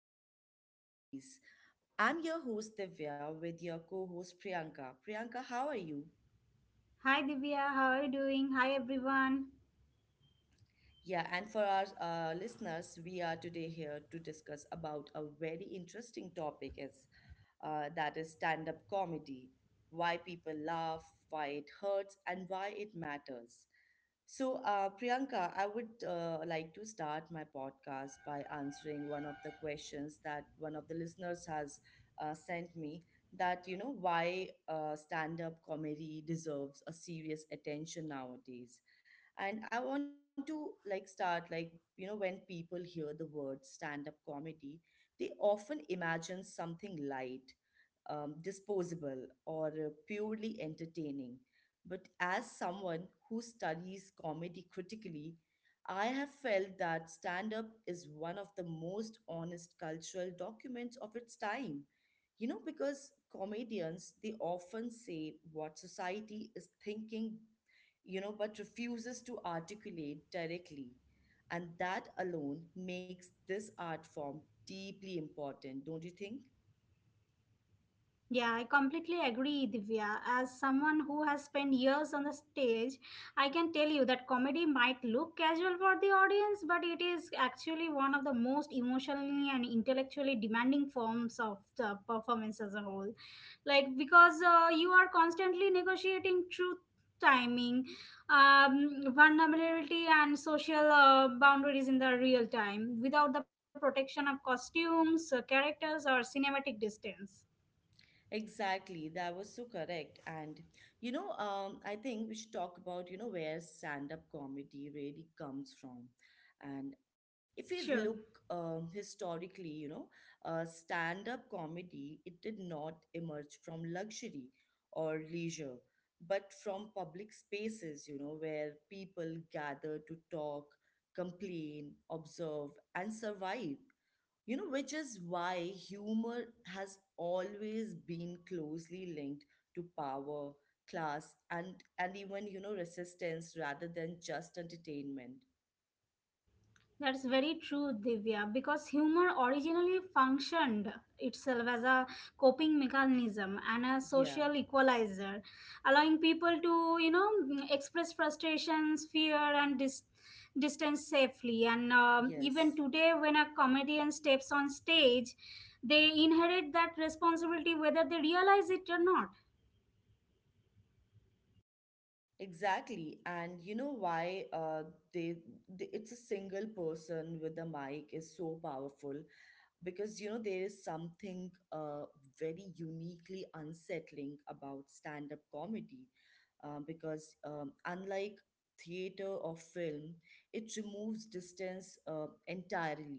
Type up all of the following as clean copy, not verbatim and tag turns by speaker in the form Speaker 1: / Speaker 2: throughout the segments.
Speaker 1: our podcast series. I'm your host Divya with your co host Priyanka. Priyanka, how are you?
Speaker 2: Hi Divya, how are you doing? Hi everyone.
Speaker 1: Yeah, and for our listeners, we are today here to discuss about a very interesting topic is stand-up comedy, why people laugh, why it hurts, and why it matters. So, Priyanka, I would like to start my podcast by answering one of the questions that one of the listeners has sent me that, you know, why stand-up comedy deserves a serious attention nowadays, and I want to like start like, you know, when people hear the word stand up comedy, they often imagine something light, disposable or purely entertaining. But as someone who studies comedy critically, I have felt that stand up is one of the most honest cultural documents of its time, you know, because comedians, they often say what society is thinking, you know, but refuses to articulate directly. And that alone makes this art form deeply important, don't you think?
Speaker 2: Yeah, I completely agree, Divya. As someone who has spent years on the stage, I can tell you that comedy might look casual for the audience, but it is actually one of the most emotionally and intellectually demanding forms of the performance as a whole. Like because you are constantly negotiating truth, timing, vulnerability and social boundaries in the real time without the protection of costumes, characters or cinematic distance.
Speaker 1: Exactly, that was so correct. And you know, I think we should talk about you know where stand-up comedy really comes from. And if we look
Speaker 2: Sure.
Speaker 1: historically, you know, stand-up comedy, it did not emerge from luxury or leisure, but from public spaces. You know, where people gather to talk, complain, observe, and survive, you know, which is why humor has always been closely linked to power, class, and even, you know, resistance rather than just entertainment.
Speaker 2: That's very true, Divya, because humor originally functioned itself as a coping mechanism and a
Speaker 1: Yeah,
Speaker 2: social equalizer, allowing people to, you know, express frustrations, fear, and distance safely. And
Speaker 1: yes,
Speaker 2: even today, when a comedian steps on stage, they inherit that responsibility whether they realize it or not.
Speaker 1: exactly. And you know why they, they it's a single person with a mic is so powerful, because you know there is something very uniquely unsettling about stand-up comedy, because unlike theater or film, it removes distance entirely,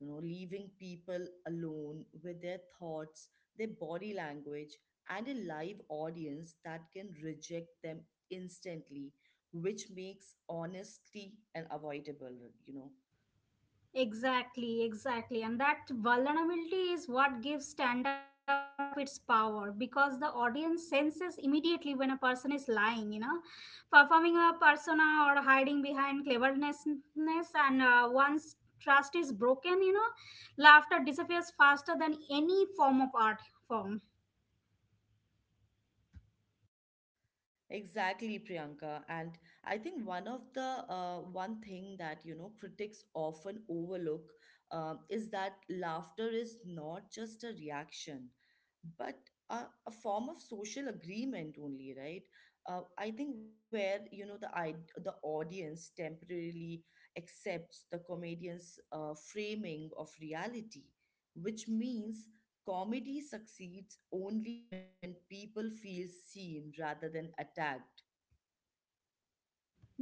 Speaker 1: you know, leaving people alone with their thoughts, their body language, and a live audience that can reject them instantly, which makes honesty unavoidable, you know.
Speaker 2: Exactly, exactly. And that vulnerability is what gives stand up its power because the audience senses immediately when a person is lying, you know, performing a persona or hiding behind cleverness. And once trust is broken, you know, laughter disappears faster than any form of art form.
Speaker 1: Exactly, Priyanka. And I think one of the one thing that you know critics often overlook, is that laughter is not just a reaction, but a form of social agreement only, right? I think where you know the audience temporarily accepts the comedian's framing of reality, which means comedy succeeds only when people feel seen rather than attacked.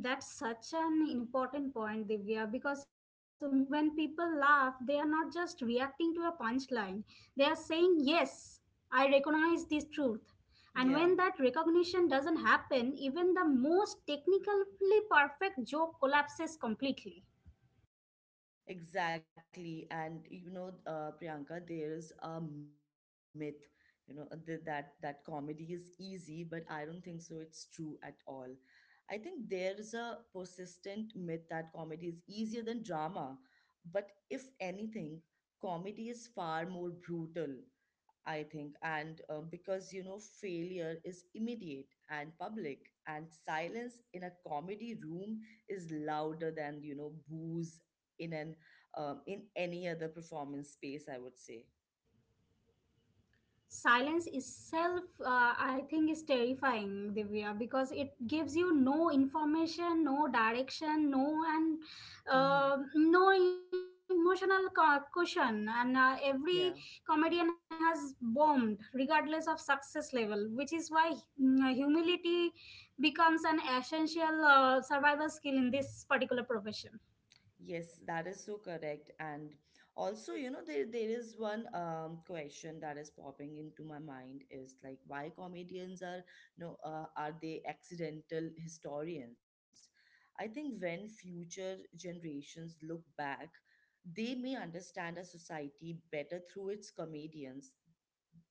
Speaker 2: That's such an important point, Divya, because when people laugh, they are not just reacting to a punchline. They are saying, yes, I recognize this truth. And
Speaker 1: Yeah,
Speaker 2: when that recognition doesn't happen, even the most technically perfect joke collapses completely.
Speaker 1: exactly. And you know, Priyanka, there is a myth, you know, that comedy is easy, but I don't think so. It's true at all. I think there is a persistent myth that comedy is easier than drama, but if anything, comedy is far more brutal. I think, and because you know, failure is immediate and public, and silence in a comedy room is louder than you know booze in an in any other performance space. I would say.
Speaker 2: Silence itself I think is terrifying, Divya, because it gives you no information, no direction, no and
Speaker 1: Mm-hmm.
Speaker 2: no emotional cushion. And
Speaker 1: Yeah.
Speaker 2: every comedian has bombed regardless of success level, which is why humility becomes an essential survival skill in this particular profession.
Speaker 1: Yes, that is so correct. And also, you know, there is one question that is popping into my mind is like why comedians are, you know, are they accidental historians? I think when future generations look back, they may understand a society better through its comedians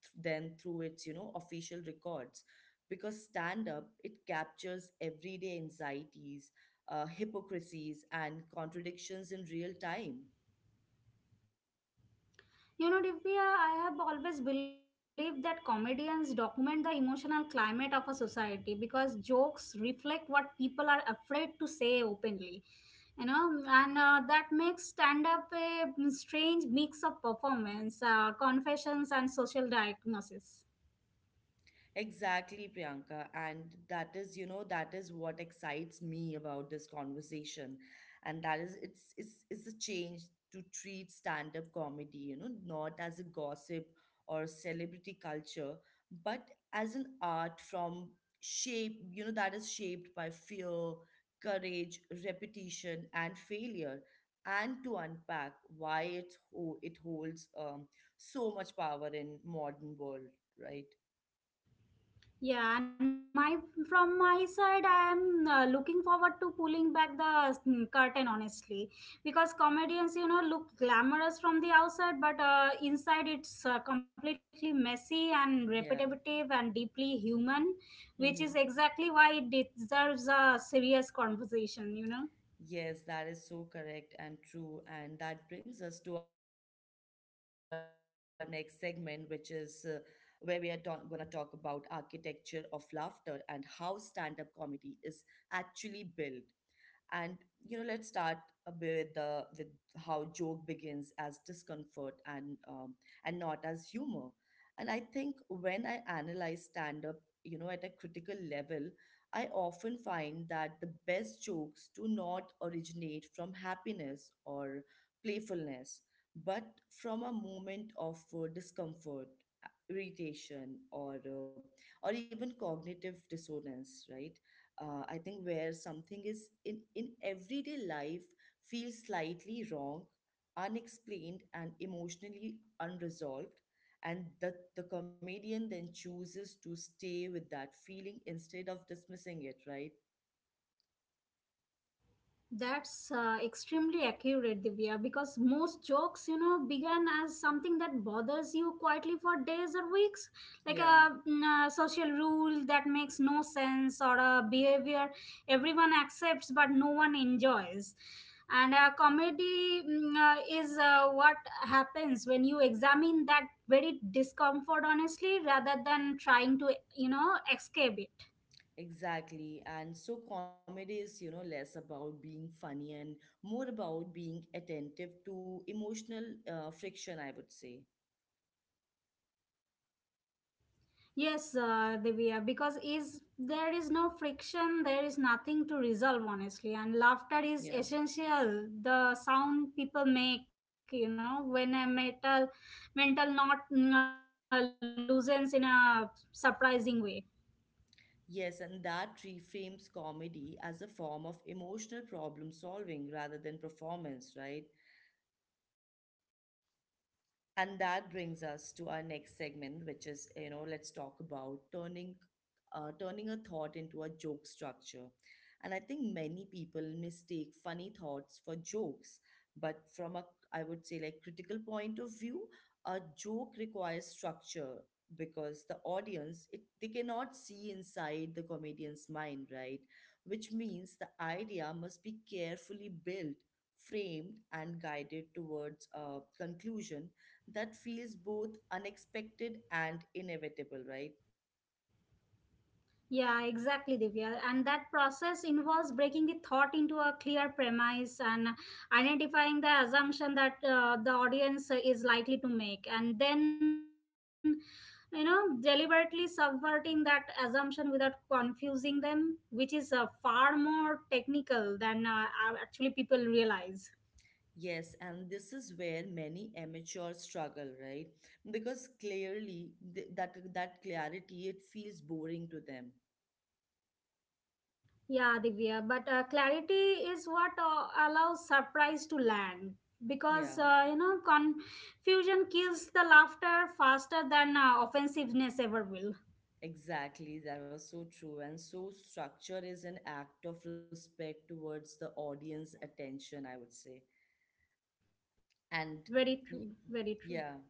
Speaker 1: than through its, you know, official records. Because stand up, it captures everyday anxieties, hypocrisies, and contradictions in real time.
Speaker 2: You know, Divya, I have always believed that comedians document the emotional climate of a society because jokes reflect what people are afraid to say openly. You know, and that makes stand up a strange mix of performance, confessions, and social diagnosis.
Speaker 1: Exactly, Priyanka. And that is, you know, that is what excites me about this conversation. And that is, it's a change to treat stand up comedy, you know, not as a gossip or celebrity culture, but as an art from shape, you know, that is shaped by fear, courage, repetition, and failure. And to unpack why it holds so much power in modern world, right?
Speaker 2: Yeah, and my, from my side, I am looking forward to pulling back the curtain honestly, because comedians, you know, look glamorous from the outside, but inside it's completely messy and
Speaker 1: Yeah.
Speaker 2: repetitive and deeply human, which is
Speaker 1: Mhm.
Speaker 2: exactly why it deserves a serious conversation. You know.
Speaker 1: Yes, that is so correct and true. And that brings us to our next segment, which is where going to talk about architecture of laughter and how stand-up comedy is actually built. And you know, let's start a bit with how joke begins as discomfort and, and not as humor. And I think when I analyze stand up, you know, at a critical level, I often find that the best jokes do not originate from happiness or playfulness, but from a moment of discomfort, irritation, or even cognitive dissonance, right? I think where something is in everyday life feels slightly wrong, unexplained, and emotionally unresolved. And the comedian then chooses to stay with that feeling instead of dismissing it, right?
Speaker 2: That's extremely accurate, Divya, because most jokes, you know, began as something that bothers you quietly for days or weeks, like
Speaker 1: Yeah,
Speaker 2: a, a social rule that makes no sense or a behavior everyone accepts but no one enjoys. And comedy is what happens when you examine that very discomfort honestly rather than trying to, you know, escape it.
Speaker 1: exactly. And so comedy is, you know, less about being funny and more about being attentive to emotional friction, I would say.
Speaker 2: Yes, Divya, because is there is no friction, there is nothing to resolve, honestly. And laughter is
Speaker 1: Yeah.
Speaker 2: essential. The sound people make, you know, when a mental, knot loosens in a surprising way.
Speaker 1: Yes, and that reframes comedy as a form of emotional problem solving rather than performance, right? And that brings us to our next segment, which is, you know, let's talk about turning turning a thought into a joke structure. And I think many people mistake funny thoughts for jokes, but from a, I would say, like critical point of view, a joke requires structure because the audience it, they cannot see inside the comedian's mind, right? Which means the idea must be carefully built, framed, and guided towards a conclusion that feels both unexpected and inevitable, right?
Speaker 2: Yeah, exactly, Divya. And that process involves breaking the thought into a clear premise and identifying the assumption that the audience is likely to make, and then, you know, deliberately subverting that assumption without confusing them, which is far more technical than actually people realize.
Speaker 1: Yes, and this is where many amateurs struggle, right? Because clearly that clarity it feels boring to them.
Speaker 2: Yeah, Divya, but clarity is what allows surprise to land because
Speaker 1: Yeah,
Speaker 2: you know confusion kills the laughter faster than offensiveness ever will.
Speaker 1: exactly. That was so true. And so structure is an act of respect towards the audience attention, I would say.
Speaker 2: Very
Speaker 1: And
Speaker 2: true, very
Speaker 1: y-
Speaker 2: true.
Speaker 1: yeah.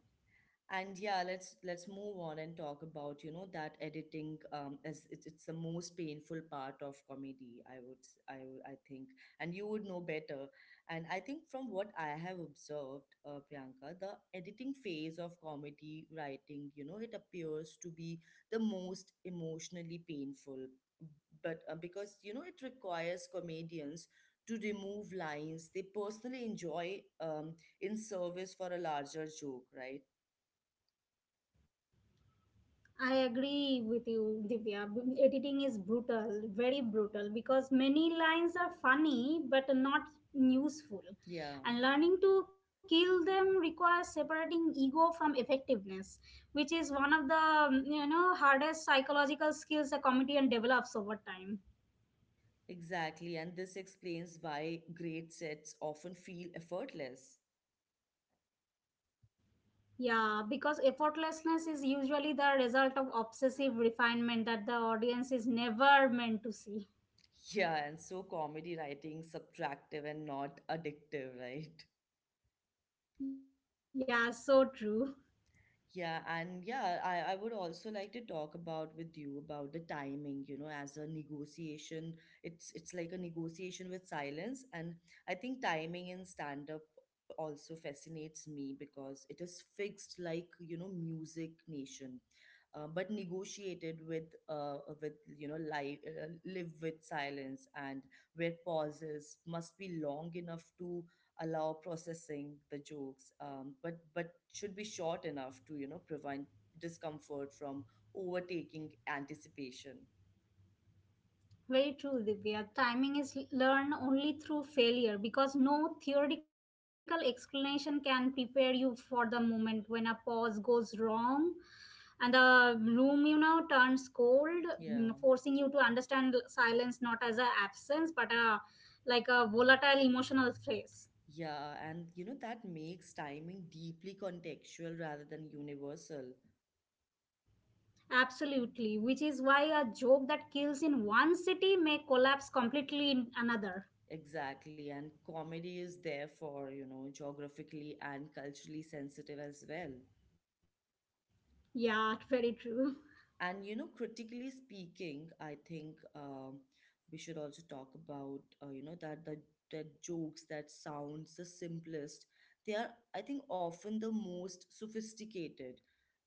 Speaker 1: And yeah, let's move on and talk about, you know, that editing, as it's the most painful part of comedy, I would I think, and you would know better. And I think from what I have observed, Priyanka, the editing phase of comedy writing, you know, it appears to be the most emotionally painful, but because you know it requires comedians to remove lines they personally enjoy, in service for a larger joke, right?
Speaker 2: I agree with you, Divya. Editing is brutal, very brutal, because many lines are funny but not useful.
Speaker 1: Yeah,
Speaker 2: And learning to kill them requires separating ego from effectiveness, which is one of the you know hardest psychological skills a comedian develops over time.
Speaker 1: exactly. And this explains why great sets often feel effortless.
Speaker 2: Yeah, because effortlessness is usually the result of obsessive refinement that the audience is never meant to see.
Speaker 1: Yeah, and so comedy writing subtractive and not addictive, right?
Speaker 2: Yeah, so true.
Speaker 1: Yeah, and yeah, I would also like to talk about with you about the timing, you know, as a negotiation. It's like a negotiation with silence. And I think timing in stand-up also fascinates me because it is fixed like, you know, music nation. But negotiated with you know live with silence, and where pauses must be long enough to allow processing the jokes, but should be short enough to you know prevent discomfort from overtaking anticipation.
Speaker 2: Very true, Divya. Timing is learned only through failure because no theoretical explanation can prepare you for the moment when a pause goes wrong and the room, you know, turns cold,
Speaker 1: Yeah,
Speaker 2: forcing you to understand silence not as a absence but a, like a volatile emotional phase.
Speaker 1: yeah, and you know that makes timing deeply contextual rather than universal.
Speaker 2: Absolutely, which is why a joke that kills in one city may collapse completely in another.
Speaker 1: Exactly, and comedy is therefore, you know, geographically and culturally sensitive as well.
Speaker 2: Yeah, very true.
Speaker 1: And you know, critically speaking, I think we should also talk about, you know, that the that jokes that sounds the simplest. They are, I think, often the most sophisticated,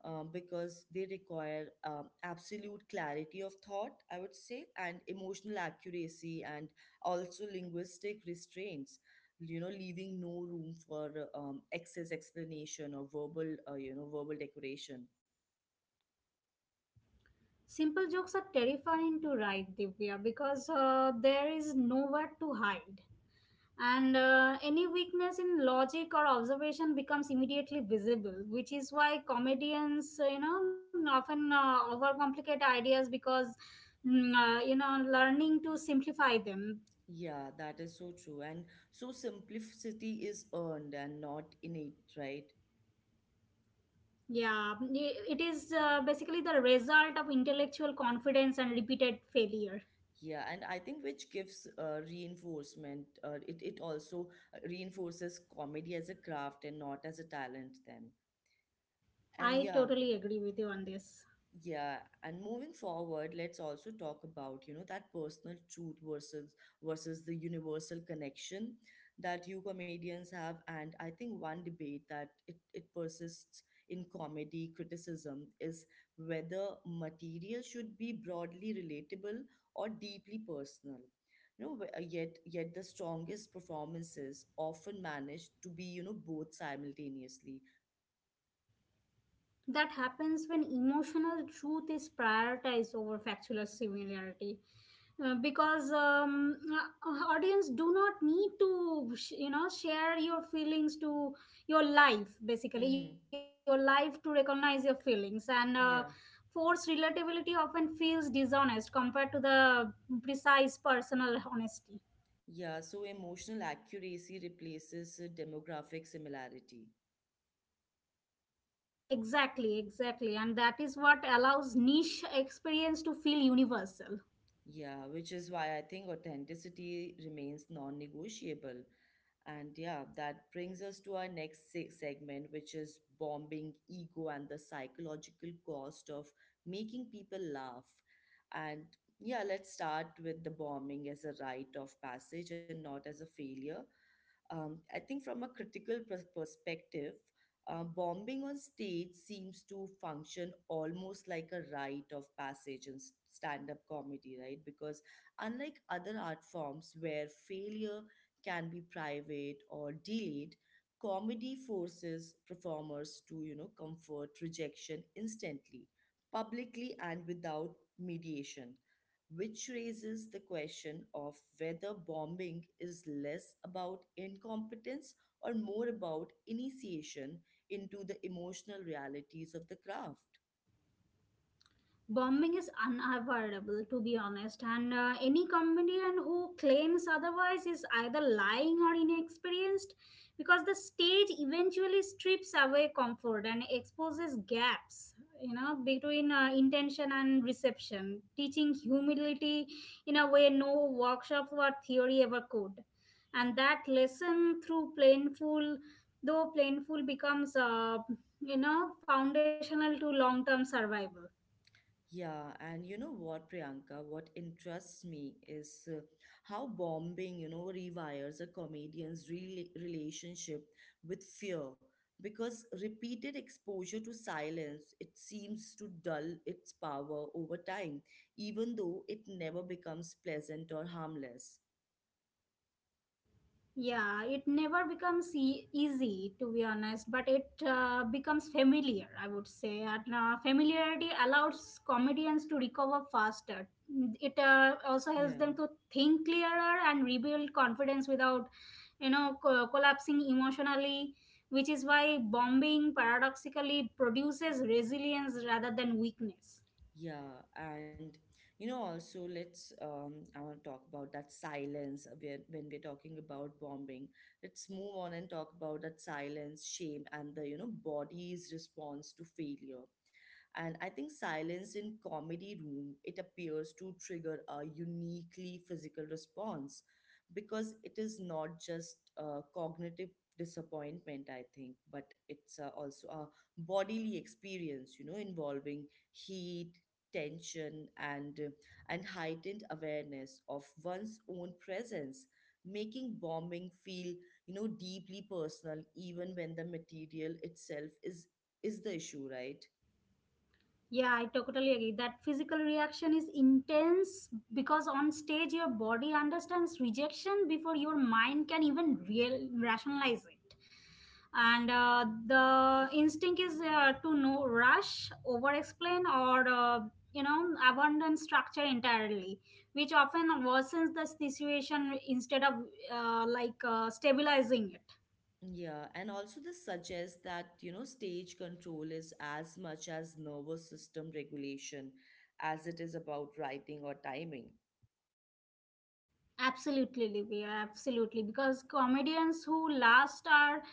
Speaker 1: because they require absolute clarity of thought, I would say, and emotional accuracy, and also linguistic restraints, you know, leaving no room for excess explanation or verbal you know verbal decoration.
Speaker 2: Simple jokes are terrifying to write, Divya, because there is nowhere to hide. And any weakness in logic or observation becomes immediately visible, which is why comedians, you know, often overcomplicate ideas because, you know, learning to simplify them.
Speaker 1: Yeah, that is so true. And so simplicity is earned and not innate, right?
Speaker 2: Yeah, it is basically the result of intellectual confidence and repeated failure.
Speaker 1: Yeah, and I think which gives reinforcement, it, it also reinforces comedy as a craft and not as a talent, then. And
Speaker 2: I
Speaker 1: yeah,
Speaker 2: totally agree with you on this.
Speaker 1: yeah, and moving forward, let's also talk about, you know, that personal truth versus the universal connection that you comedians have. And I think one debate that it persists in comedy criticism is whether material should be broadly relatable or deeply personal. You know, yet the strongest performances often manage to be, you know, both simultaneously.
Speaker 2: That happens when emotional truth is prioritized over factual similarity. Because audience do not need to you know share your feelings to your life, basically your
Speaker 1: Mm-hmm.
Speaker 2: life, to recognize your feelings. And
Speaker 1: Yeah.
Speaker 2: forced relatability often feels dishonest compared to the precise personal honesty.
Speaker 1: Yeah, so emotional accuracy replaces demographic similarity.
Speaker 2: Exactly, exactly, and that is what allows niche experience to feel universal.
Speaker 1: Yeah, which is why I think authenticity remains non negotiable. And yeah, that brings us to our next segment, which is bombing ego and the psychological cost of making people laugh. And yeah, let's start with the bombing as a rite of passage and not as a failure. I think from a critical perspective, bombing on stage seems to function almost like a rite of passage in stand-up comedy, right? Because unlike other art forms where failure can be private or delayed, comedy forces performers to you know comfort rejection instantly, publicly, and without mediation, which raises the question of whether bombing is less about incompetence or more about initiation into the emotional realities of the craft.
Speaker 2: Bombing is unavoidable, to be honest, and any comedian who claims otherwise is either lying or inexperienced, because the stage eventually strips away comfort and exposes gaps, you know, between intention and reception, teaching humility in a way no workshop or theory ever could. And that lesson, through plainful, though plainful, becomes you know foundational to long term survival.
Speaker 1: Yeah, and you know what, Priyanka, what interests me is how bombing, you know, rewires a comedian's relationship with fear. Because repeated exposure to silence, it seems to dull its power over time, even though it never becomes pleasant or harmless.
Speaker 2: Yeah, it never becomes easy, to be honest, but it becomes familiar, I would say. And familiarity allows comedians to recover faster. It also helps
Speaker 1: Yeah.
Speaker 2: them to think clearer and rebuild confidence without, you know, collapsing emotionally, which is why bombing paradoxically produces resilience rather than weakness.
Speaker 1: Yeah, and you know, also let's I want to talk about that silence when we're talking about bombing. Let's move on and talk about that silence, shame, and the body's response to failure. And I think silence in comedy room, it appears to trigger a uniquely physical response because it is not just a cognitive disappointment, I think, but it's also a bodily experience, you know, involving heat, tension, and heightened awareness of one's own presence, making bombing feel, you know, deeply personal even when the material itself is the issue, right?
Speaker 2: Yeah, I totally agree. That physical reaction is intense because on stage your body understands rejection before your mind can even real rationalize it. And the instinct is to no rush, over explain, or you know abandon structure entirely, which often worsens the situation instead of like stabilizing it.
Speaker 1: Yeah, and also this suggests that, you know, stage control is as much as nervous system regulation as it is about writing or timing.
Speaker 2: Absolutely, Livia. Absolutely. Because comedians who last are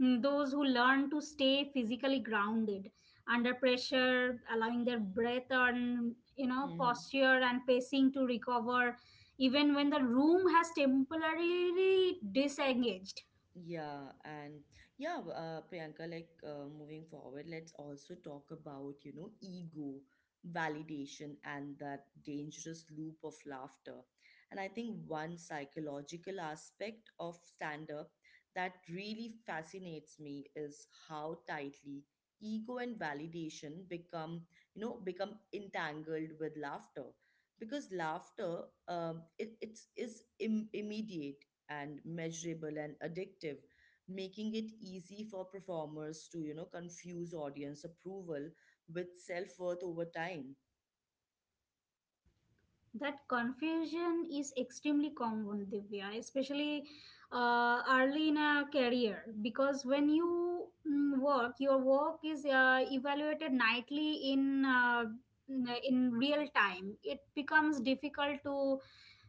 Speaker 2: those who learn to stay physically grounded under pressure, allowing their breath and, you know,
Speaker 1: Hmm.
Speaker 2: posture and pacing to recover, even when the room has temporarily disengaged.
Speaker 1: Yeah, and yeah, Priyanka, like, moving forward, let's also talk about, you know, ego, validation, and that dangerous loop of laughter. And I think one psychological aspect of stand up that really fascinates me is how tightly ego and validation become, you know, become entangled with laughter. Because laughter, it, it's is Im- immediate and measurable and addictive, making it easy for performers to, you know, confuse audience approval with self-worth over time.
Speaker 2: That confusion is extremely common, Divya, especially early in a career. Because when you work, your work is evaluated nightly in real time. It becomes difficult to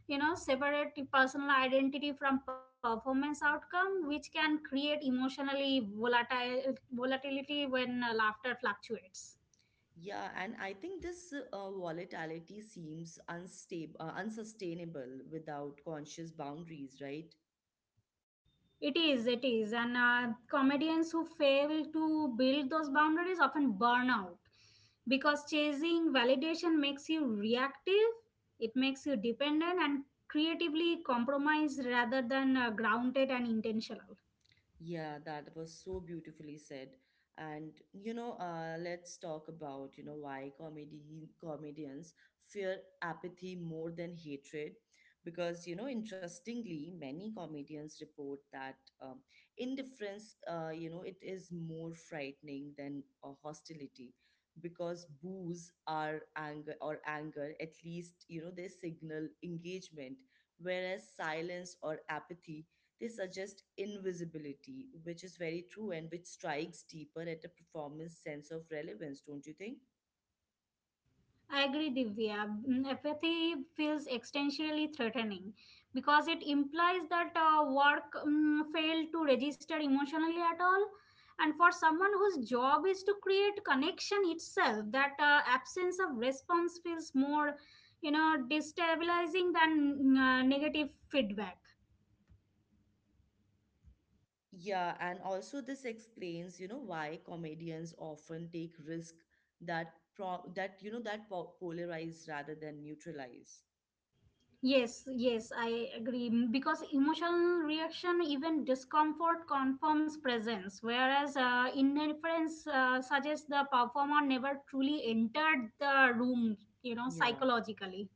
Speaker 2: you know separate the personal identity from performance outcome, which can create emotionally volatile volatility when laughter fluctuates.
Speaker 1: Yeah, and I think this volatility seems unstable unsustainable without conscious boundaries, right?
Speaker 2: It is, it is. And comedians who fail to build those boundaries often burn out because chasing validation makes you reactive, it makes you dependent and creatively compromised rather than grounded and intentional.
Speaker 1: Yeah, that was so beautifully said. And you know, let's talk about, you know, why comedy comedians fear apathy more than hatred. Because, you know, interestingly, many comedians report that um, indifference, you know, it is more frightening than hostility. Because boos are anger, or anger, at least, you know, they signal engagement, whereas silence or apathy, they suggest invisibility, which is very true and which strikes deeper at a performance sense of relevance, don't you think?
Speaker 2: I agree, Divya. Apathy feels existentially threatening because it implies that work failed to register emotionally at all. And for someone whose job is to create connection itself, that absence of response feels more, you know, destabilizing than negative feedback.
Speaker 1: Yeah, and also this explains, you know, why comedians often take risk that pro that you know, that po polarize rather than neutralize.
Speaker 2: Yes, yes, I agree. Because emotional reaction, even discomfort, confirms presence, whereas indifference suggests the performer never truly entered the room, you know,
Speaker 1: Yeah.
Speaker 2: psychologically.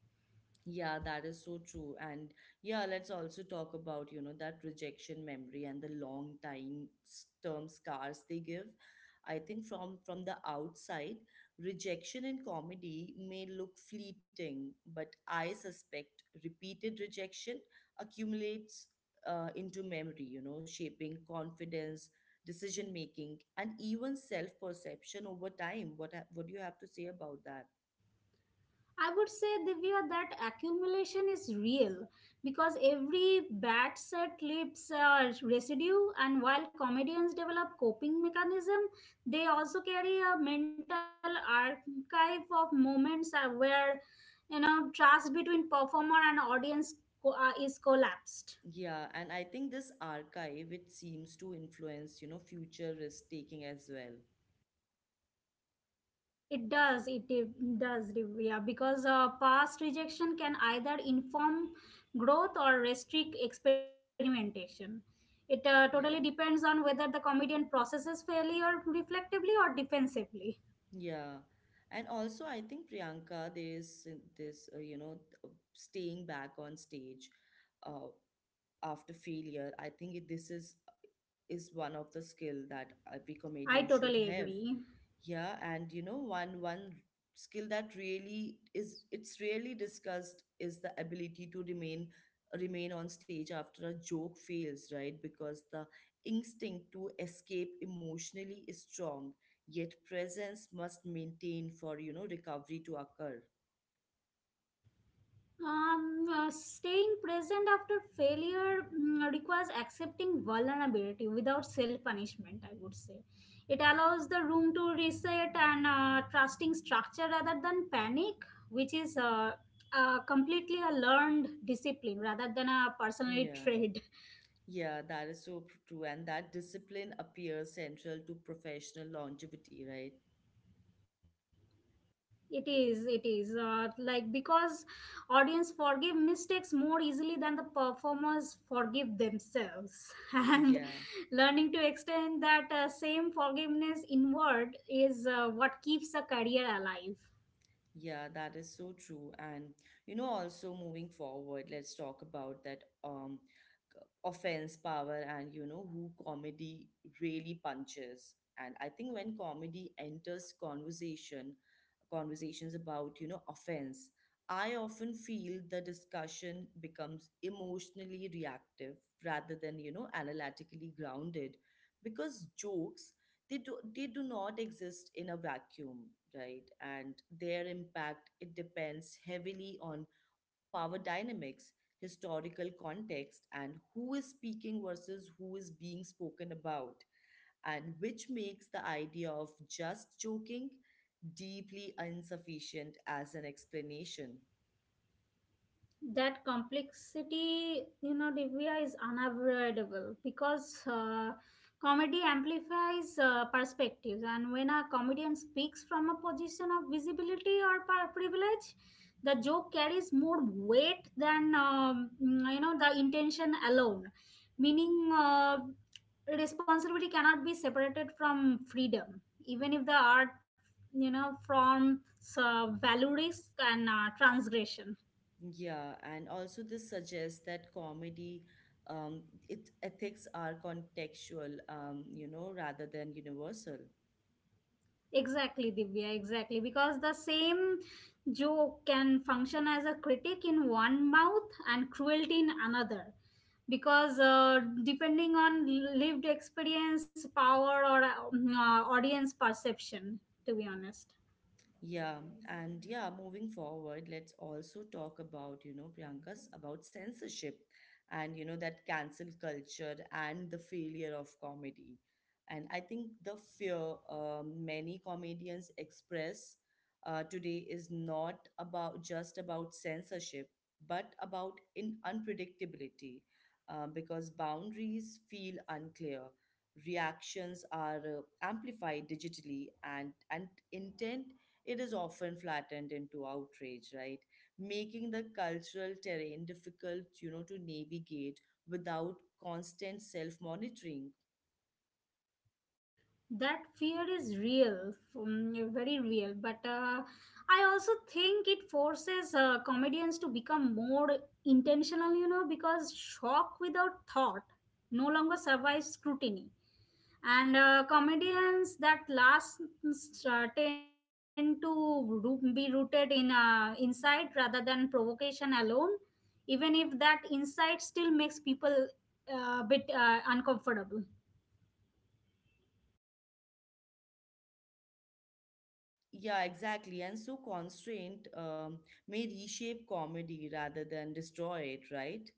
Speaker 1: Yeah, that is so true. And yeah, let's also talk about, you know, that rejection memory and the long term scars they give. I think from the outside, rejection in comedy may look fleeting, but I suspect repeated rejection accumulates into memory, you know, shaping confidence, decision making, and even self perception over time. What do you have to say about that?
Speaker 2: I would say, Divya, that accumulation is real because every bad set leaves a residue, and while comedians develop coping mechanism, they also carry a mental archive of moments where you know trust between performer and audience is collapsed.
Speaker 1: Yeah, and I think this archive, it seems to influence, you know, future risk taking as well.
Speaker 2: It does, it de- does, de- yeah, because past rejection can either inform growth or restrict experimentation. It totally
Speaker 1: Yeah.
Speaker 2: depends on whether the comedian processes failure reflectively or defensively.
Speaker 1: Yeah. And also, I think, Priyanka, there is this, you know, uh, staying back on stage uh, after failure. I think this is one of the skill that every
Speaker 2: I
Speaker 1: comedian should
Speaker 2: totally
Speaker 1: have.
Speaker 2: agree.
Speaker 1: Yeah, and you know, one skill that really is, it's rarely discussed is the ability to remain on stage after a joke fails, right? Because the instinct to escape emotionally is strong, yet presence must maintain for, you know, recovery to occur.
Speaker 2: Staying present after failure requires accepting vulnerability without self punishment, I would say. It allows the room to reset and trusting structure rather than panic, which is completely a learned discipline rather than a personality
Speaker 1: Yeah.
Speaker 2: trait.
Speaker 1: Yeah, that is so pr- true. And that discipline appears central to professional longevity, right?
Speaker 2: It is, it is. Like because audience forgive mistakes more easily than the performers forgive themselves, and
Speaker 1: Yeah.
Speaker 2: learning to extend that same forgiveness inward is what keeps a career alive.
Speaker 1: Yeah, that is so true. And you know, also moving forward, let's talk about that c- offense power and, you know, who comedy really punches. And I think when comedy enters conversation, conversations about, you know, offense, I often feel the discussion becomes emotionally reactive rather than, you know, analytically grounded. Because jokes, they do not exist in a vacuum, right? And their impact, it depends heavily on power dynamics, historical context, and who is speaking versus who is being spoken about, and which makes the idea of just joking deeply insufficient as an explanation.
Speaker 2: That complexity, you know, Divya, is unavoidable because comedy amplifies perspectives, and when a comedian speaks from a position of visibility or privilege, the joke carries more weight than you know the intention alone, meaning responsibility cannot be separated from freedom, even if the art, you know, forms valorist and transgression.
Speaker 1: Yeah, and also this suggests that comedy, it ethics are contextual, you know, rather than universal.
Speaker 2: Exactly, Divya, exactly. Because the same joke can function as a critic in one mouth and cruelty in another. Because depending on lived experience, power, or audience perception, to be honest.
Speaker 1: Yeah, and yeah, moving forward, let's also talk about, you know, Priyanka's about censorship and, you know, that cancel culture and the failure of comedy. And I think the fear, many comedians express today is not about just about censorship, but about in unpredictability, because boundaries feel unclear, reactions are amplified digitally, and intent, it is often flattened into outrage, right? Making the cultural terrain difficult, you know, to navigate without constant self monitoring.
Speaker 2: That fear is real, very real, but I also think it forces comedians to become more intentional, you know, because shock without thought no longer survives scrutiny, and comedians that last tend to be rooted in insight rather than provocation alone, even if that insight still makes people a bit uncomfortable.
Speaker 1: Yeah, exactly. And so constraint, may reshape comedy rather than destroy it, right?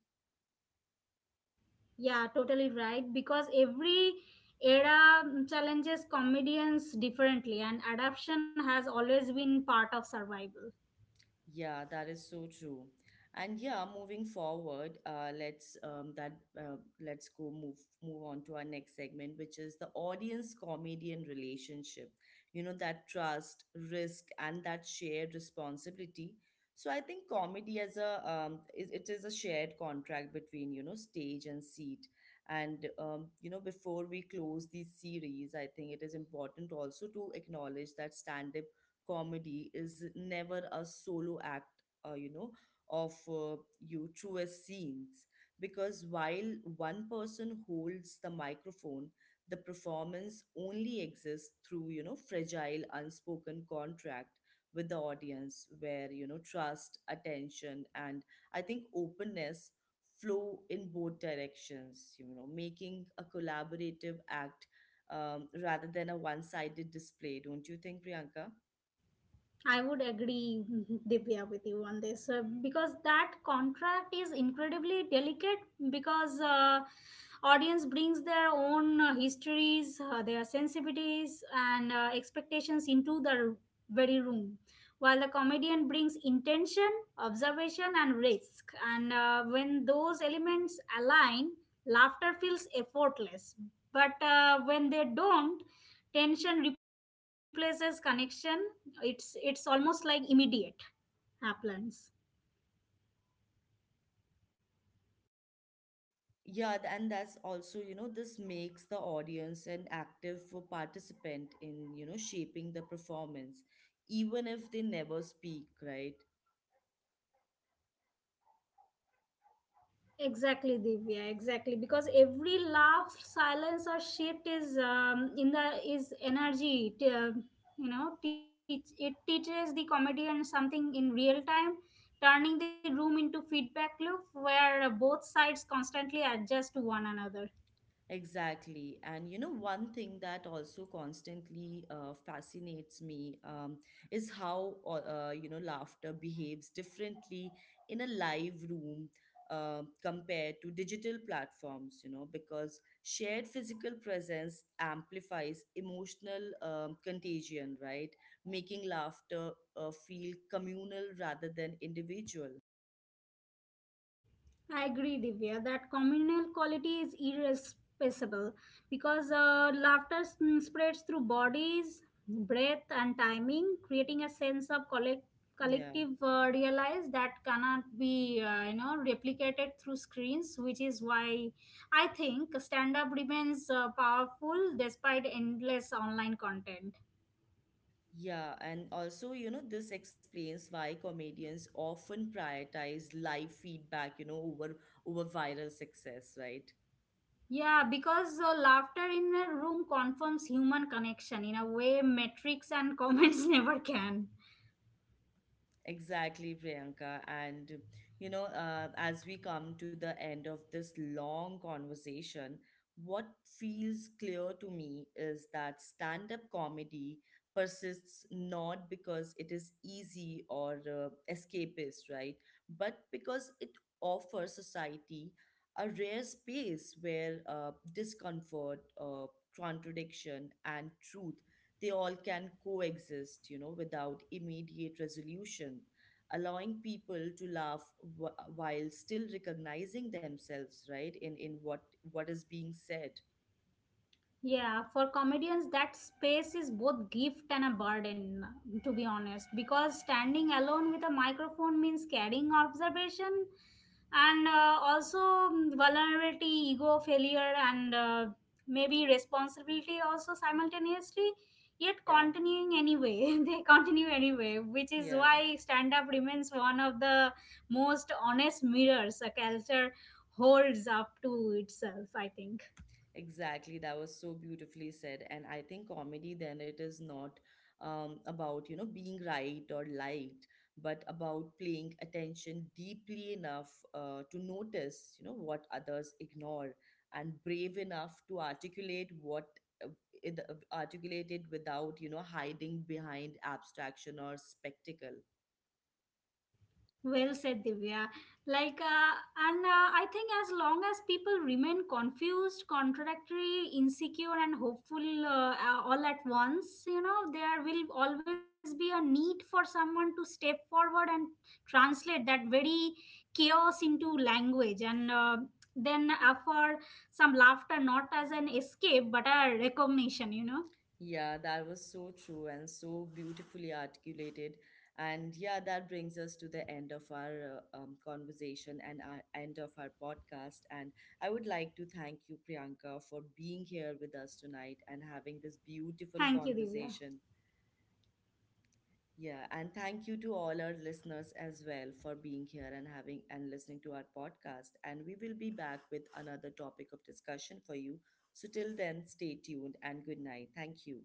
Speaker 2: Yeah, totally right. Because every era challenges comedians differently, and adaptation has always been part of survival.
Speaker 1: Yeah, that is so true. And yeah, moving forward, let's that let's go move move on to our next segment, which is the audience comedian relationship. You know, that trust, risk, and that shared responsibility. So I think comedy as a it is a shared contract between, you know, stage and seat. And you know, before we close this series, I think it is important also to acknowledge that stand-up comedy is never a solo act, you know, of you through a scenes. Because while one person holds the microphone, the performance only exists through, you know, fragile, unspoken contract with the audience where, you know, trust, attention, and I think openness flow in both directions, you know, making a collaborative act, rather than a one sided display, don't you think, Priyanka?
Speaker 2: I would agree, Divya, with you on this because that contract is incredibly delicate because audience brings their own histories, their sensitivities, and expectations into the very room, while the comedian brings intention, observation, and risk. And when those elements align, laughter feels effortless. But when they don't, tension replaces connection. It's almost like immediate happens.
Speaker 1: Yeah, and that's also, you know, this makes the audience an active for participant in, you know, shaping the performance, even if they never speak, right?
Speaker 2: Exactly, Divya, exactly, because every laugh, silence or shift is in the is energy you know teach, it teaches the comedian something in real time, turning the room into feedback loop where both sides constantly adjust to one another.
Speaker 1: Exactly. And you know, one thing that also constantly fascinates me, is how, you know, laughter behaves differently in a live room compared to digital platforms, you know, because shared physical presence amplifies emotional, contagion, right? Making laughter feel communal rather than individual.
Speaker 2: I agree, Divya, that communal quality is irreplaceable because laughter spreads through bodies, breath, and timing, creating a sense of
Speaker 1: Yeah.
Speaker 2: collective realize that cannot be, you know, replicated through screens. Which is why I think stand-up remains powerful despite endless online content.
Speaker 1: Yeah, and also, you know, this explains why comedians often prioritize live feedback, you know, over viral success, right?
Speaker 2: Yeah, because laughter in a room confirms human connection in a way metrics and comments never can.
Speaker 1: Exactly, Priyanka. And, you know, as we come to the end of this long conversation, what feels clear to me is that stand up comedy persists not because it is easy or escapist, right? But because it offers society a rare space where discomfort, contradiction, and truth, they all can coexist, you know, without immediate resolution, allowing people to laugh while still recognizing themselves, right, in what is being said.
Speaker 2: Yeah, for comedians, that space is both gift and a burden, to be honest, because standing alone with a microphone means carrying observation and also vulnerability, ego, failure, and maybe responsibility also simultaneously, yet
Speaker 1: Yeah,
Speaker 2: continuing anyway. They continue anyway, which is
Speaker 1: yeah.
Speaker 2: why stand up remains one of the most honest mirrors a culture holds up to itself, I think.
Speaker 1: Exactly, that was so beautifully said. And I think comedy then, it is not, about, you know, being right or liked, but about paying attention deeply enough to notice, you know, what others ignore and brave enough to articulate what uh, articulate it without, you know, hiding behind abstraction or spectacle.
Speaker 2: Well said, Divya. Like, and I think as long as people remain confused, contradictory, insecure, and hopeful all at once, you know, there will always be a need for someone to step forward and translate that very chaos into language. And then offer some laughter, not as an escape, but a recognition, you know.
Speaker 1: Yeah, that was so true and so beautifully articulated. And yeah, that brings us to the end of our conversation and our end of our podcast. And I would like to thank you, Priyanka, for being here with us tonight and having this beautiful
Speaker 2: Thank you, Divya.
Speaker 1: conversation. Yeah, and thank you to all our listeners as well for being here and having and listening to our podcast. And we will be back with another topic of discussion for you. So till then, stay tuned and good night. Thank you.